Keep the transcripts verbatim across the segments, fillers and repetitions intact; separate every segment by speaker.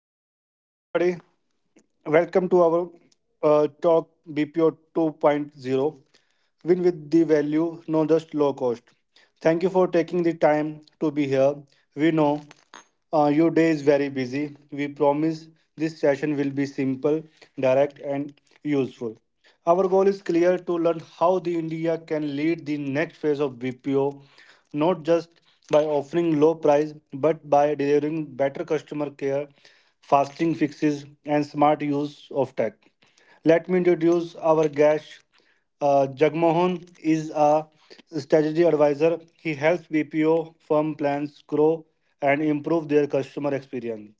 Speaker 1: Good morning, everybody. Welcome to our uh, talk B P O 2.0. Win with the value, not just low cost. Thank you for taking the time to be here. We know uh, your day is very busy. We promise this session will be simple, direct, and useful. Our goal is clear to learn how the India can lead the next phase of B P O, not just by offering low price but by delivering better customer care, fasting fixes, and smart use of tech. Let me introduce our guest. Uh, Jagmohan is a strategy advisor. He helps B P O firm plans grow and improve their customer experience.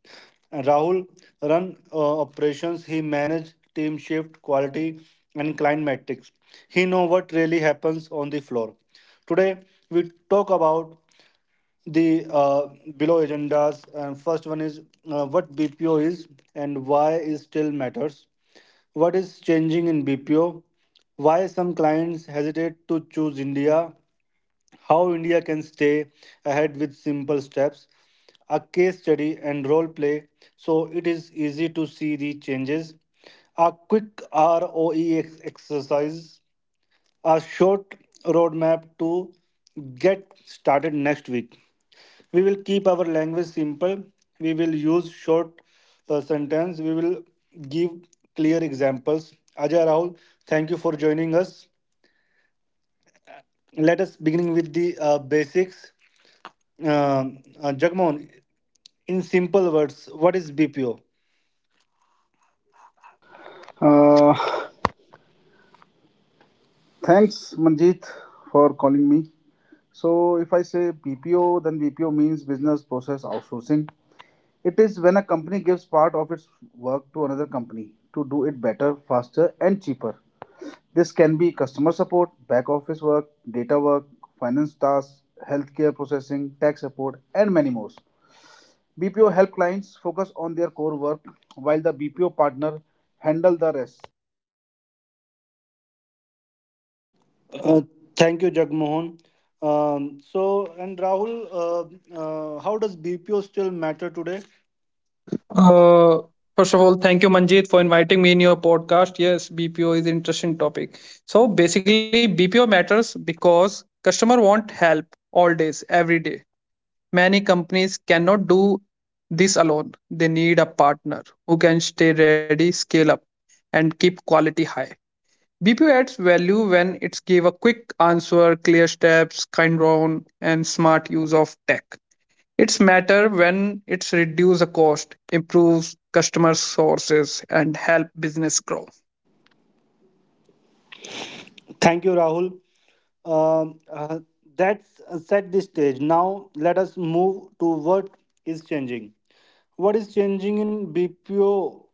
Speaker 1: And Rahul run uh, operations. He manage team shift, quality, and client metrics. He know what really happens on the floor. Today we talk about the uh, below agendas. And first one is uh, what B P O is and why it still matters. What is changing in B P O? Why some clients hesitate to choose India? How India can stay ahead with simple steps? A case study and role play so it is easy to see the changes. A quick R O E ex- exercise, a short roadmap to get started next week. We will keep our language simple. We will use short uh, sentence. We will give clear examples. Ajay, Rahul, thank you for joining us. Let us beginning with the uh, basics. uh, uh, Jagmohan, in simple words, what is BPO?
Speaker 2: Uh, Thanks, Manjeet, for calling me. So, if I say B P O, then B P O means business process outsourcing. It is when a company gives part of its work to another company to do it better, faster, and cheaper. This can be customer support, back office work, data work, finance tasks, healthcare processing, tax support, and many more. B P O help clients focus on their core work while the B P O partner handle the rest.
Speaker 1: Uh, thank you, Jagmohan. Um, so and Rahul, uh, uh, how does BPO still matter today?
Speaker 3: Uh, First of all, thank you, Manjit, for inviting me in your podcast. Yes, B P O is an interesting topic. So basically, B P O matters because customer want help all days, every day. Many companies cannot do this alone. They need a partner who can stay ready, scale up, and keep quality high. B P O adds value when it's give a quick answer, clear steps, kind round, and smart use of tech. It's matter when it's reduce the cost, improves customer sources, and help business grow.
Speaker 1: Thank you, Rahul. Um, uh, that's uh, set the stage. Now let us move to what is changing. What is changing in B P O?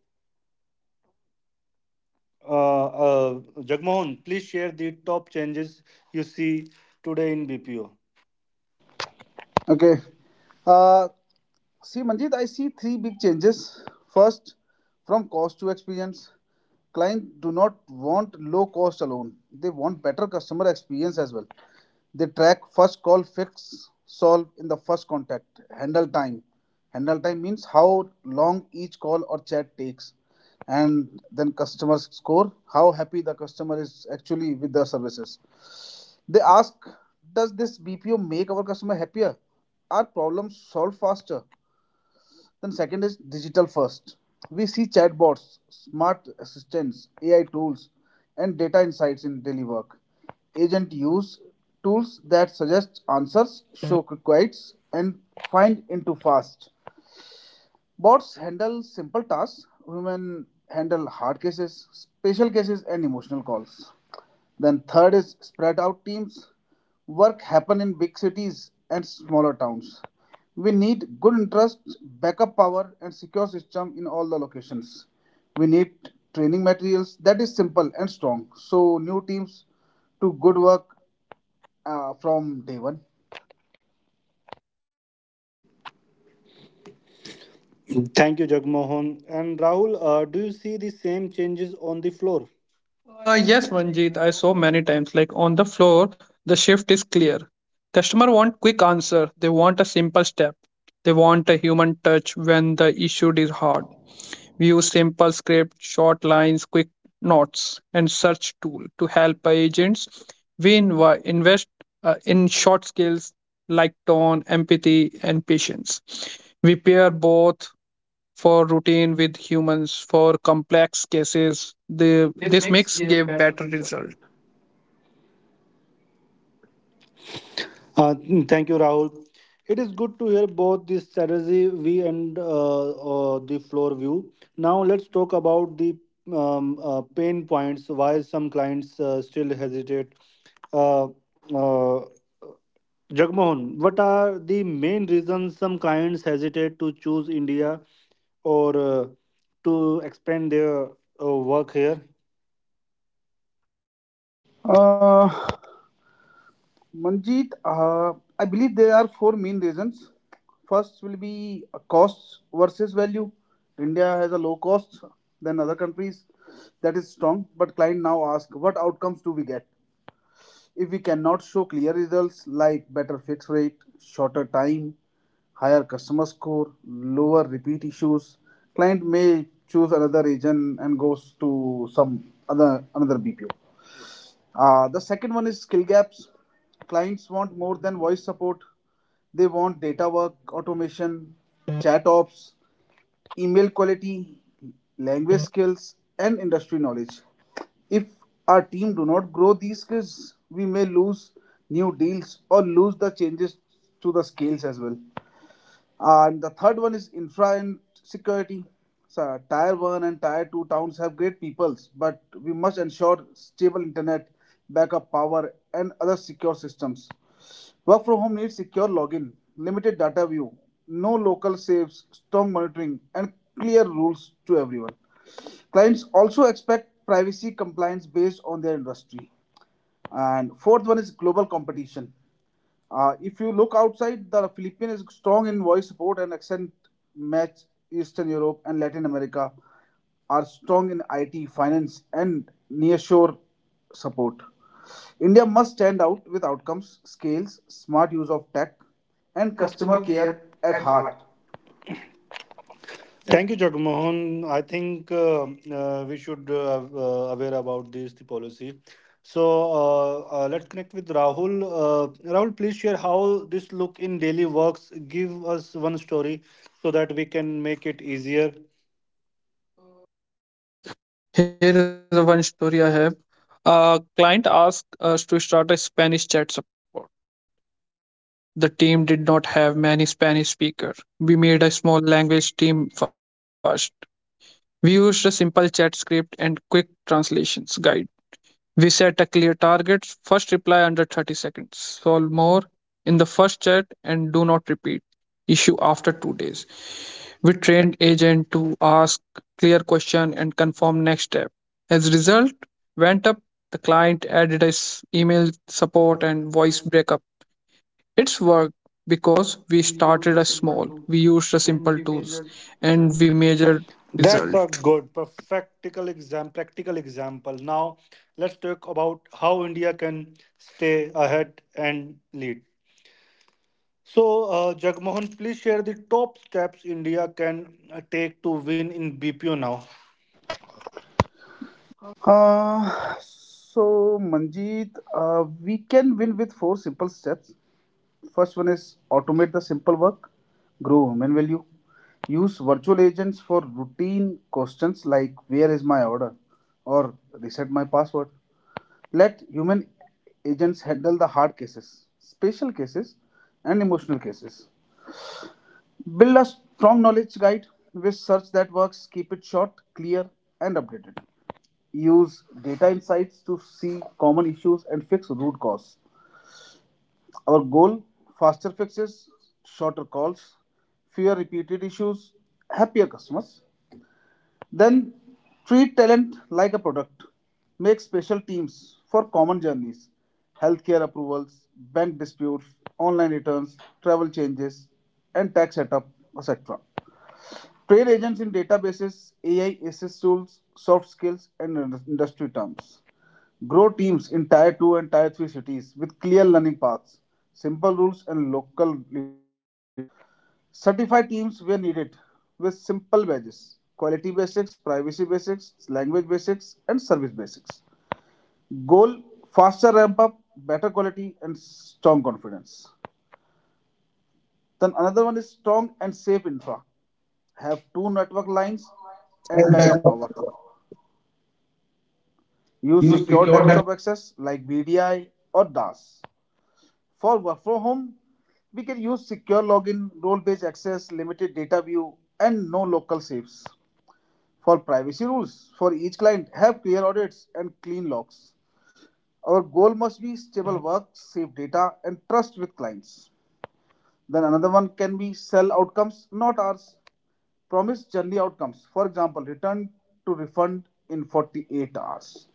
Speaker 1: Uh, uh, Jagmohan, please share the top changes you see today in B P O.
Speaker 2: Okay. Uh, See, Manjit, I see three big changes. First, from cost to experience, clients do not want low cost alone. They want better customer experience as well. They track first call, fix, solve in the first contact, handle time. Handle time means how long each call or chat takes, and then customer score, how happy the customer is actually with the services. They ask, does this B P O make our customer happier? Are problems solved faster? Then second is digital first. We see chatbots, smart assistants, A I tools, and data insights in daily work. Agent use tools that suggest answers, show queries, and find into fast. Bots handle simple tasks. Women handle hard cases, special cases, and emotional calls. Then third is spread out teams. Work happen in big cities and smaller towns. We need good interest, backup power, and secure system in all the locations. We need training materials that is simple and strong. So new teams to good work uh, from day one.
Speaker 1: Thank you, Jagmohan. And Rahul, uh, do you see the same changes on the floor?
Speaker 3: Uh, yes, Manjeet, I saw many times. Like on the floor, the shift is clear. Customer want quick answer. They want a simple step. They want a human touch when the issue is hard. We use simple script, short lines, quick notes, and search tool to help agents. We inv- invest uh, in short skills like tone, empathy, and patience. We pair both for routine with humans for complex cases. The, this mix gave better result.
Speaker 1: Uh, thank you, Rahul. It is good to hear both the strategy view and uh, uh, the floor view. Now let's talk about the um, uh, pain points. Why some clients uh, still hesitate. Uh, uh, Jagmohan, what are the main reasons some clients hesitate to choose India or uh, to expand their uh, work here?
Speaker 2: Uh, Manjeet, uh, I believe there are four main reasons. First will be uh, costs versus value. India has a low cost than other countries. That is strong, but client now ask, what outcomes do we get? If we cannot show clear results like better fix rate, shorter time, higher customer score, lower repeat issues, client may choose another agent and goes to some other another B P O. Uh, the second one is skill gaps. Clients want more than voice support. They want data work, automation, chat ops, email quality, language skills, and industry knowledge. If our team do not grow these skills, we may lose new deals or lose the changes to the scales as well. And the third one is infra and security. So, tier one and tier two towns have great peoples, but we must ensure stable internet, backup power, and other secure systems. Work from home needs secure login, limited data view, no local saves, strong monitoring, and clear rules to everyone. Clients also expect privacy compliance based on their industry. And fourth one is global competition. Uh, if you look outside, the Philippines is strong in voice support and accent match Eastern Europe and Latin America are strong in I T, finance, and nearshore support. India must stand out with outcomes, scales, smart use of tech, and customer care at heart.
Speaker 1: Thank you, Jagmohan. I think uh, uh, we should uh, uh, aware about this the policy. So uh, uh, let's connect with Rahul. Uh, Rahul, please share how this look in daily works. Give us one story so that we can make it easier.
Speaker 3: Yes, here is a one story I have. A client asked us to start a Spanish chat support. The team did not have many Spanish speakers. We made a small language team first. We used a simple chat script and quick translations guide. We set a clear target first reply under thirty seconds, solve more in the first chat, and do not repeat issue after two days. We trained agent to ask clear question and confirm next step. As result, went up, the client added us email support and voice backup. It's worked because we started as small. We used the simple tools and we measured
Speaker 1: That's a
Speaker 3: result.
Speaker 1: good, practical exam. practical example. Now let's talk about how India can stay ahead and lead. So, uh, Jagmohan, please share the top steps India can uh, take to win in B P O now.
Speaker 2: Uh, so, Manjeet, uh, we can win with four simple steps. First one is automate the simple work, grow human value. Use virtual agents for routine questions like where is my order or reset my password. Let human agents handle the hard cases, special cases, and emotional cases. Build a strong knowledge guide with search that works, keep it short, clear, and updated. Use data insights to see common issues and fix root cause. Our goal faster fixes, shorter calls, fewer repeated issues, happier customers. Then treat talent like a product. Make special teams for common journeys healthcare approvals, bank disputes, online returns, travel changes, and tax setup, et cetera. Train agents in databases, A I, assist tools, soft skills, and industry terms. Grow teams in Tier two and Tier three cities with clear learning paths, simple rules, and local leadership. Certify teams where needed with simple badges quality basics, privacy basics, language basics, and service basics. Goal faster ramp up, better quality, and strong confidence. Then another one is strong and safe infra. Have two network lines and backup power. Use
Speaker 3: Use
Speaker 2: secure
Speaker 3: secured that.
Speaker 2: desktop access like V D I or D A S. For work from home, we can use secure login, role-based access, limited data view, and no local safes. For privacy rules, for each client, have clear audits and clean logs. Our goal must be stable work, safe data, and trust with clients. Then another one can be sell outcomes, not ours. Promise journey outcomes. For example, return to refund in forty-eight hours.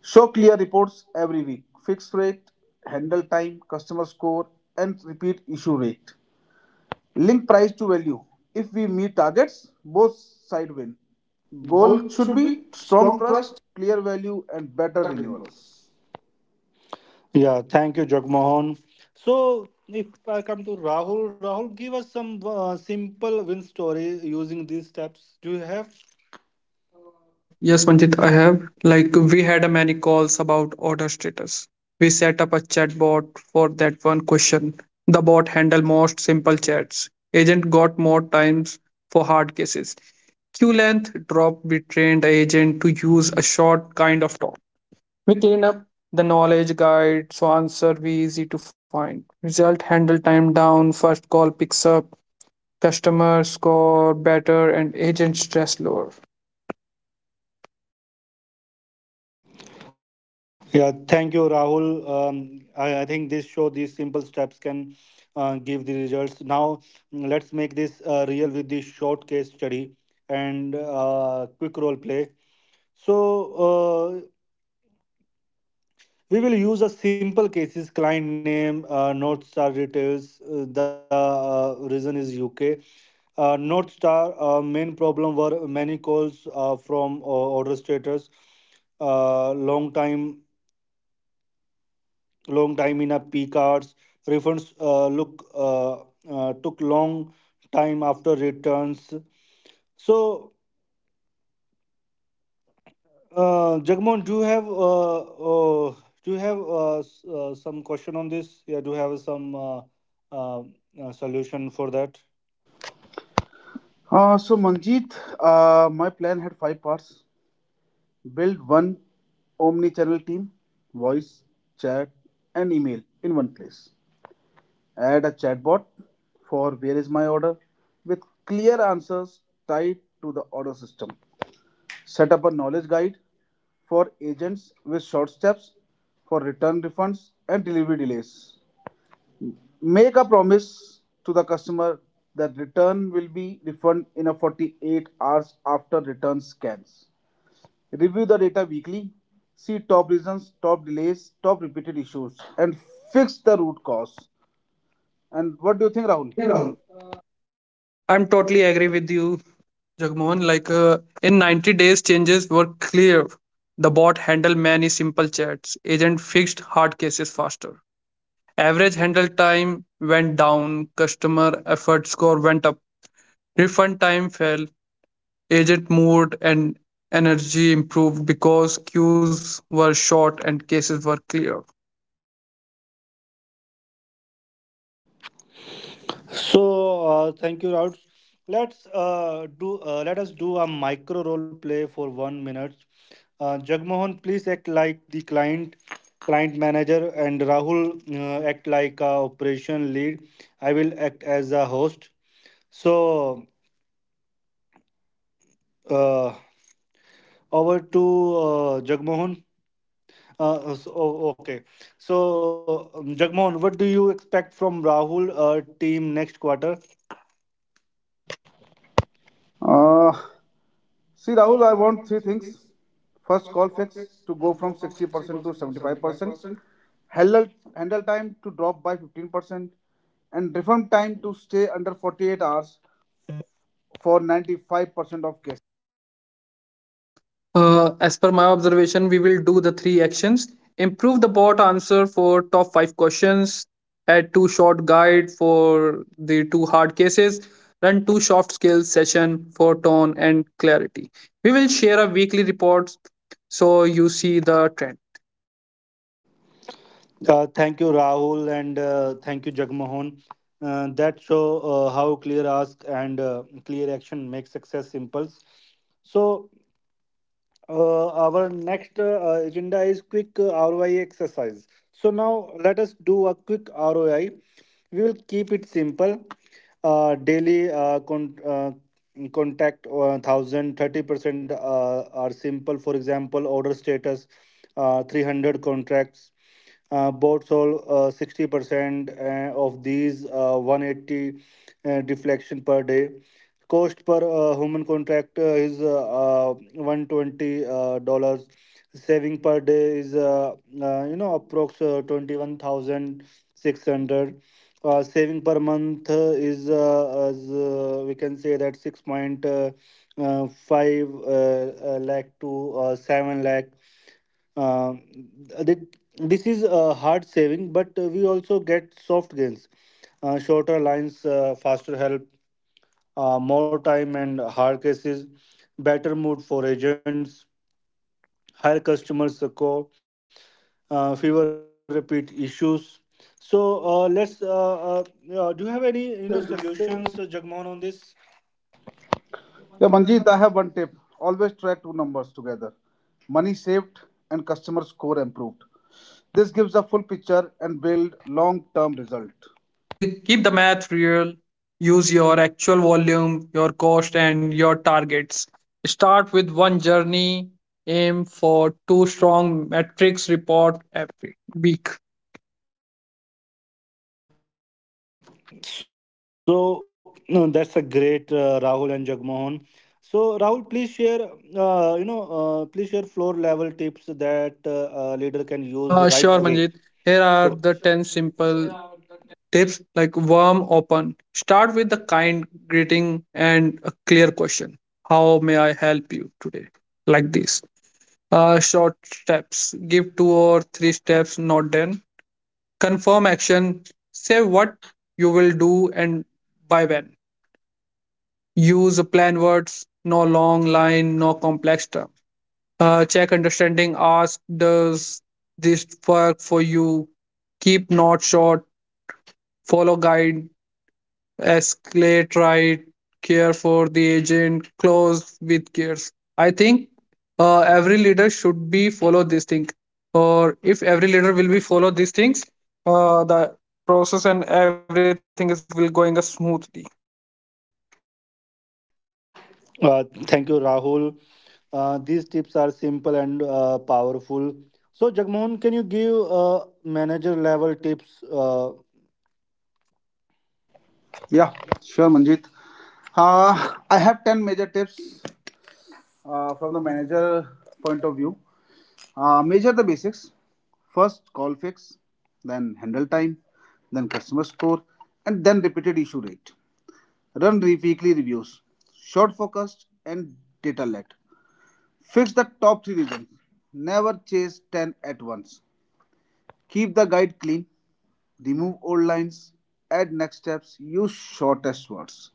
Speaker 2: Show clear reports every week. Fixed rate, handle time, customer score, and repeat issue rate. Link price to value. If we meet targets, both side win. Goal should be strong trust, clear value, and better renewals.
Speaker 1: Yeah, thank you, Jagmohan. So, if I come to Rahul, Rahul, give us some uh, simple win story using these steps. Do you have?
Speaker 3: Uh, yes, Manjit, I have. Like, we had a many calls about order status. We set up a chatbot for that one question. The bot handled most simple chats. Agent got more times for hard cases. Queue length dropped. We trained the agent to use a short kind of talk. We clean up the knowledge guide so answer be easy to find. Result handle time down. First call picks up. Customer score better and agent stress lower.
Speaker 1: Yeah, thank you, Rahul. Um, I, I think this show, these simple steps uh, give the results. Now, mm, let's make this uh, real with the short case study and uh, quick role play. So, uh, we will use a simple cases, client name, uh, North Star details. Uh, the uh, reason is U K. Uh, North Star uh, main problem were many calls uh, from uh, order status, uh, long time, long time in a P cards. Refunds uh, look uh, uh, took long time after returns. So Uh, Jagmohan, do you have uh, uh do you have uh, s- uh, some question on this? Yeah, do you have some uh, uh, uh, solution for that?
Speaker 2: Uh, so Manjeet, uh, my plan had five parts: build one omni-channel team, voice, chat, and email in one place. Add a chatbot for where is my order with clear answers tied to the order system. Set up a knowledge guide for agents with short steps for return refunds and delivery delays. Make a promise to the customer that return will be refunded in a forty-eight hours after return scans. Review the data weekly, see top reasons, top delays, top repeated issues, and fix the root cause. And what do you think,
Speaker 3: What do
Speaker 2: Rahul?
Speaker 3: you think, Rahul? I'm totally agree with you, Jagmohan. Like uh, in ninety days, changes were clear. The bot handled many simple chats. Agent fixed hard cases faster. Average handle time went down. Customer effort score went up. Refund time fell. Agent mood and energy improved because queues were short and cases were clear.
Speaker 1: So uh, thank you, Raut. Let's uh, do uh, let us do a micro role play for one minute. Uh, Jagmohan, please act like the client client manager, and Rahul uh, act like a operation lead. I will act as a host. So uh, over to uh, Jagmohan. Uh, so, oh, okay. So, um, Jagmohan, what do you expect from Rahul uh, team next quarter?
Speaker 2: Uh, See, Rahul, I want three things. First, call fix to go from sixty percent to seventy-five percent. handle handle time to drop by fifteen percent and refund time to stay under forty-eight hours for ninety-five percent of cases.
Speaker 3: Uh, as per my observation, we will do the three actions. Improve the bot answer for top five questions. Add two short guide for the two hard cases. Run two soft skills session for tone and clarity. We will share a weekly report so you see the trend.
Speaker 1: Uh, thank you, Rahul, and uh, thank you, Jagmohan. Uh, that show uh, how clear ask and uh, clear action make success impulse. So, Uh, our next uh, agenda is quick uh, R O I exercise. So now let us do a quick R O I. We will keep it simple. Uh, daily uh, con- uh, contact uh, one thousand percent uh, are simple. For example, order status uh, three hundred contracts uh, bots solve uh, sixty percent uh, of these uh, one hundred eighty uh, deflection per day. Cost per uh, human contract uh, is uh, uh, one hundred twenty dollars. Saving per day is uh, uh, you know approx uh, twenty-one thousand six hundred. Uh, saving per month uh, is uh, as uh, we can say that, six point five uh, uh, uh, uh, lakh to uh, seven lakh. uh, th- this is a hard saving, but uh, we also get soft gains: uh, shorter lines, uh, faster help, uh, more time and hard cases, better mood for agents, higher customer score, uh, fewer repeat issues. So uh, let's. Uh, uh, uh, do you have any you know solutions, uh, Jagmohan, on this?
Speaker 2: Yeah, Manjeet, I have one tip. Always track two numbers together. Money saved and customer score improved. This gives a full picture and build long-term result.
Speaker 3: And keep the math real, use your actual volume, your cost, and your targets. Start with one journey, aim for two strong metrics, report every week.
Speaker 1: So no, that's a great uh, Rahul and Jagmohan. So Rahul, please share, uh, you know, uh, please share floor level tips that uh, a leader can use right away.
Speaker 3: Uh, sure, Manjit.
Speaker 1: So
Speaker 3: Here are the ten simple tips. Like warm open, start with the kind greeting and a clear question, how may I help you today, like this. Uh, short steps, give two or three steps, not ten. Confirm action. Say what you will do and by when. Use plain words, no long line, no complex term. Uh, check understanding. Ask, does this work for you? Keep not short. Follow guide. Escalate right. Care for the agent, close with cares. I think, uh, every leader should be follow this thing, or if every leader will be follow these things, uh, the process and everything is will going uh, smoothly.
Speaker 1: uh, thank you, Rahul. Uh, these tips are simple and uh, powerful. So Jagmohan, can you give uh, manager level tips? Uh,
Speaker 2: Yeah, sure, Manjeet. Uh, I have ten major tips uh, from the manager point of view. Uh, measure the basics. First, call fix, then handle time, then customer score, and then repeated issue rate. Run re- weekly reviews. Short focused and data led. Fix the top three reasons. Never chase ten at once. Keep the guide clean. Remove old lines. Add next steps. Use shortest words.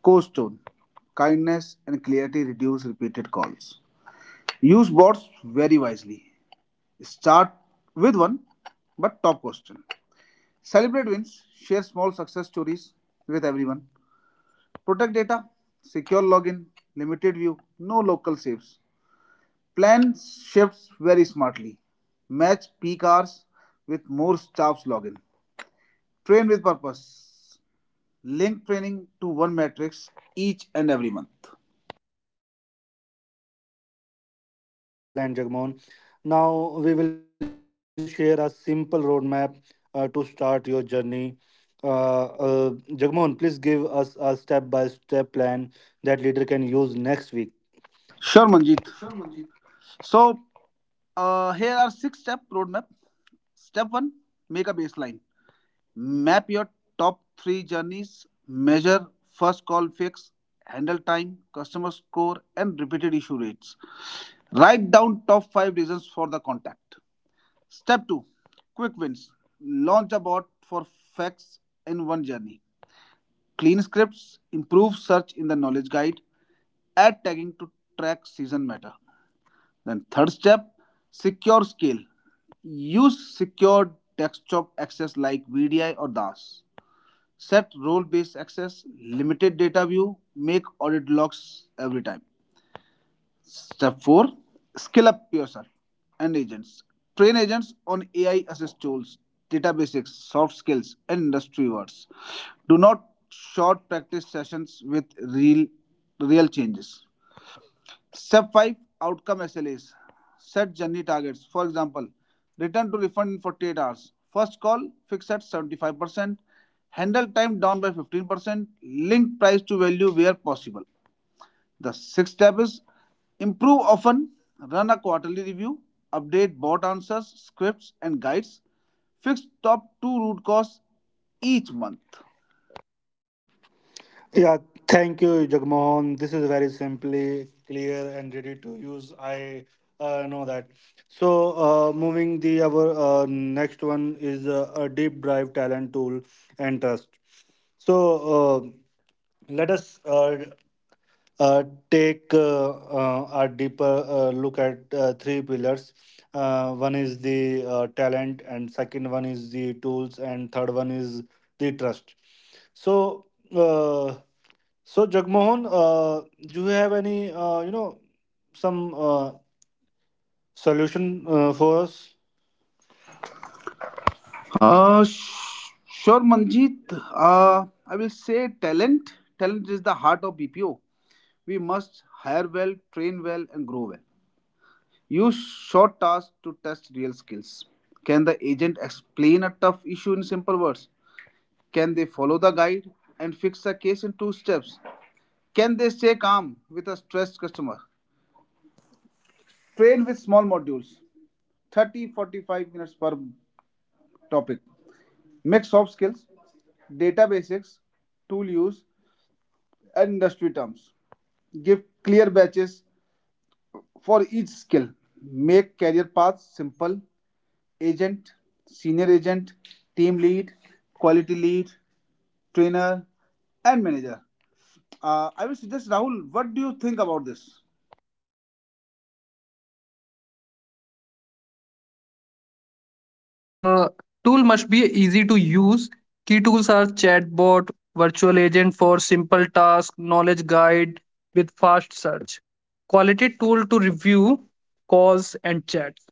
Speaker 2: Core tone. Kindness and clarity reduce repeated calls. Use bots very wisely. Start with one, but top question. Celebrate wins, share small success stories with everyone. Protect data, secure login, limited view, no local saves. Plan shifts very smartly. Match peak hours with more staff's login. Train with purpose. Link training to one matrix each and every month.
Speaker 1: Yeah, that's great, Jagmohan. Excellent, Jagmohan. Now we will share a simple roadmap uh, to start your journey. Uh, uh, Jagmohan, please give us a step-by-step plan that leader can use next week.
Speaker 2: Sure, Manjeet. So, uh, here are six step roadmap. Step one, make a baseline. Map your top three journeys, measure first call fix, handle time, customer score, and repeated issue rates. Write down top five reasons for the contact. Step two quick wins. Launch a bot for facts in one journey. Clean scripts, improve search in the knowledge guide, add tagging to track season matter. Then, third step secure scale. Use secure desktop access like V D I or D A S. Set role based access, limited data view, make audit logs every time. Step four scale up yourself and agents. Train agents on A I assist tools, data basics, soft skills, and industry words. Do not short practice sessions with real, real changes. Step five outcome S L As. Set journey targets. For example, return to refund in forty-eight hours. First call fixed at seventy-five percent, handle time down by fifteen percent, link price to value where possible. The sixth step is improve often, run a quarterly review, update bot answers, scripts, and guides, fix top two root cause each month.
Speaker 1: Yeah, thank you, Jagmohan. This is very simply clear and ready use. I uh, know that. So, uh, moving the our uh, next one is uh, a deep drive talent tool and trust. So uh, let us uh, uh, take uh, uh, a uh, look at uh, three pillars. Uh, one is the uh, talent, and second one is the tools, and third one is the trust. So, uh, so Jagmohan, uh, do you have any uh, you know some uh, solution uh, for us?
Speaker 2: Uh, sh- sure, Manjeet. Uh, I will say talent. Talent is the heart of B P O. We must hire well, train well, and grow well. Use short tasks to test real skills. Can the agent explain a tough issue in simple words? Can they follow the guide and fix a case in two steps? Can they stay calm with a stressed customer? Train with small modules, thirty forty-five minutes per topic. Mix soft skills, data basics, tool use, and industry terms. Give clear batches for each skill. Make career paths simple. Agent, senior agent, team lead, quality lead, trainer, and manager. Uh, I will suggest Rahul, what do you think about this?
Speaker 3: uh, Tool must be easy to use. Key tools are chatbot, virtual agent for simple task, knowledge guide with fast search, quality tool to review calls and chats,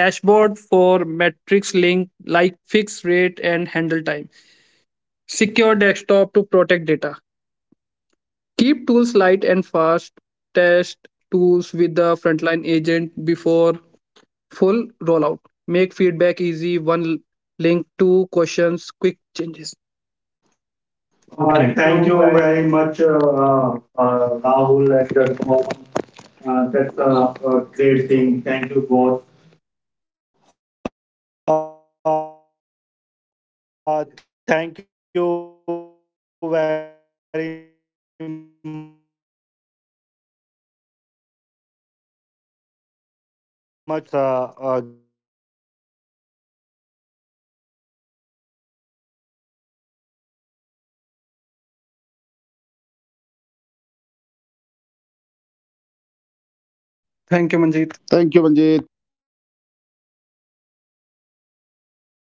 Speaker 3: dashboard for metrics link like fix rate and handle time, secure desktop to protect data. Keep tools light and fast. Test tools with the frontline agent before full rollout. Make feedback easy, one link to questions, quick changes.
Speaker 1: Uh,
Speaker 2: Okay.
Speaker 3: Uh, Okay,
Speaker 1: thank you
Speaker 3: thank
Speaker 1: very
Speaker 3: you very
Speaker 1: much, uh,
Speaker 3: much,
Speaker 1: uh,
Speaker 3: uh,
Speaker 1: uh,
Speaker 3: uh,
Speaker 1: Rahul and
Speaker 3: Rahul and
Speaker 1: Jagmohan.
Speaker 3: Jacob.
Speaker 1: Uh,
Speaker 3: Uh,
Speaker 1: that's
Speaker 3: That's
Speaker 1: a,
Speaker 3: a
Speaker 1: a
Speaker 3: a
Speaker 1: great thing.
Speaker 3: great
Speaker 1: Thank
Speaker 3: thing.
Speaker 1: you
Speaker 3: Thank you
Speaker 1: both.
Speaker 3: both.
Speaker 1: So, so thank you for coming, guys. Let's close this uh, these things and uh, uh, make sure we will meet again with the you can do different uh, different podcast, and uh, let's uh, let us build the bpo 2.0. Uh, that's client trust and customer love. So thank you very much, guys. Have a great day, guys. Thank you.
Speaker 3: Thank you, Manjeet.
Speaker 2: Thank you, Manjit.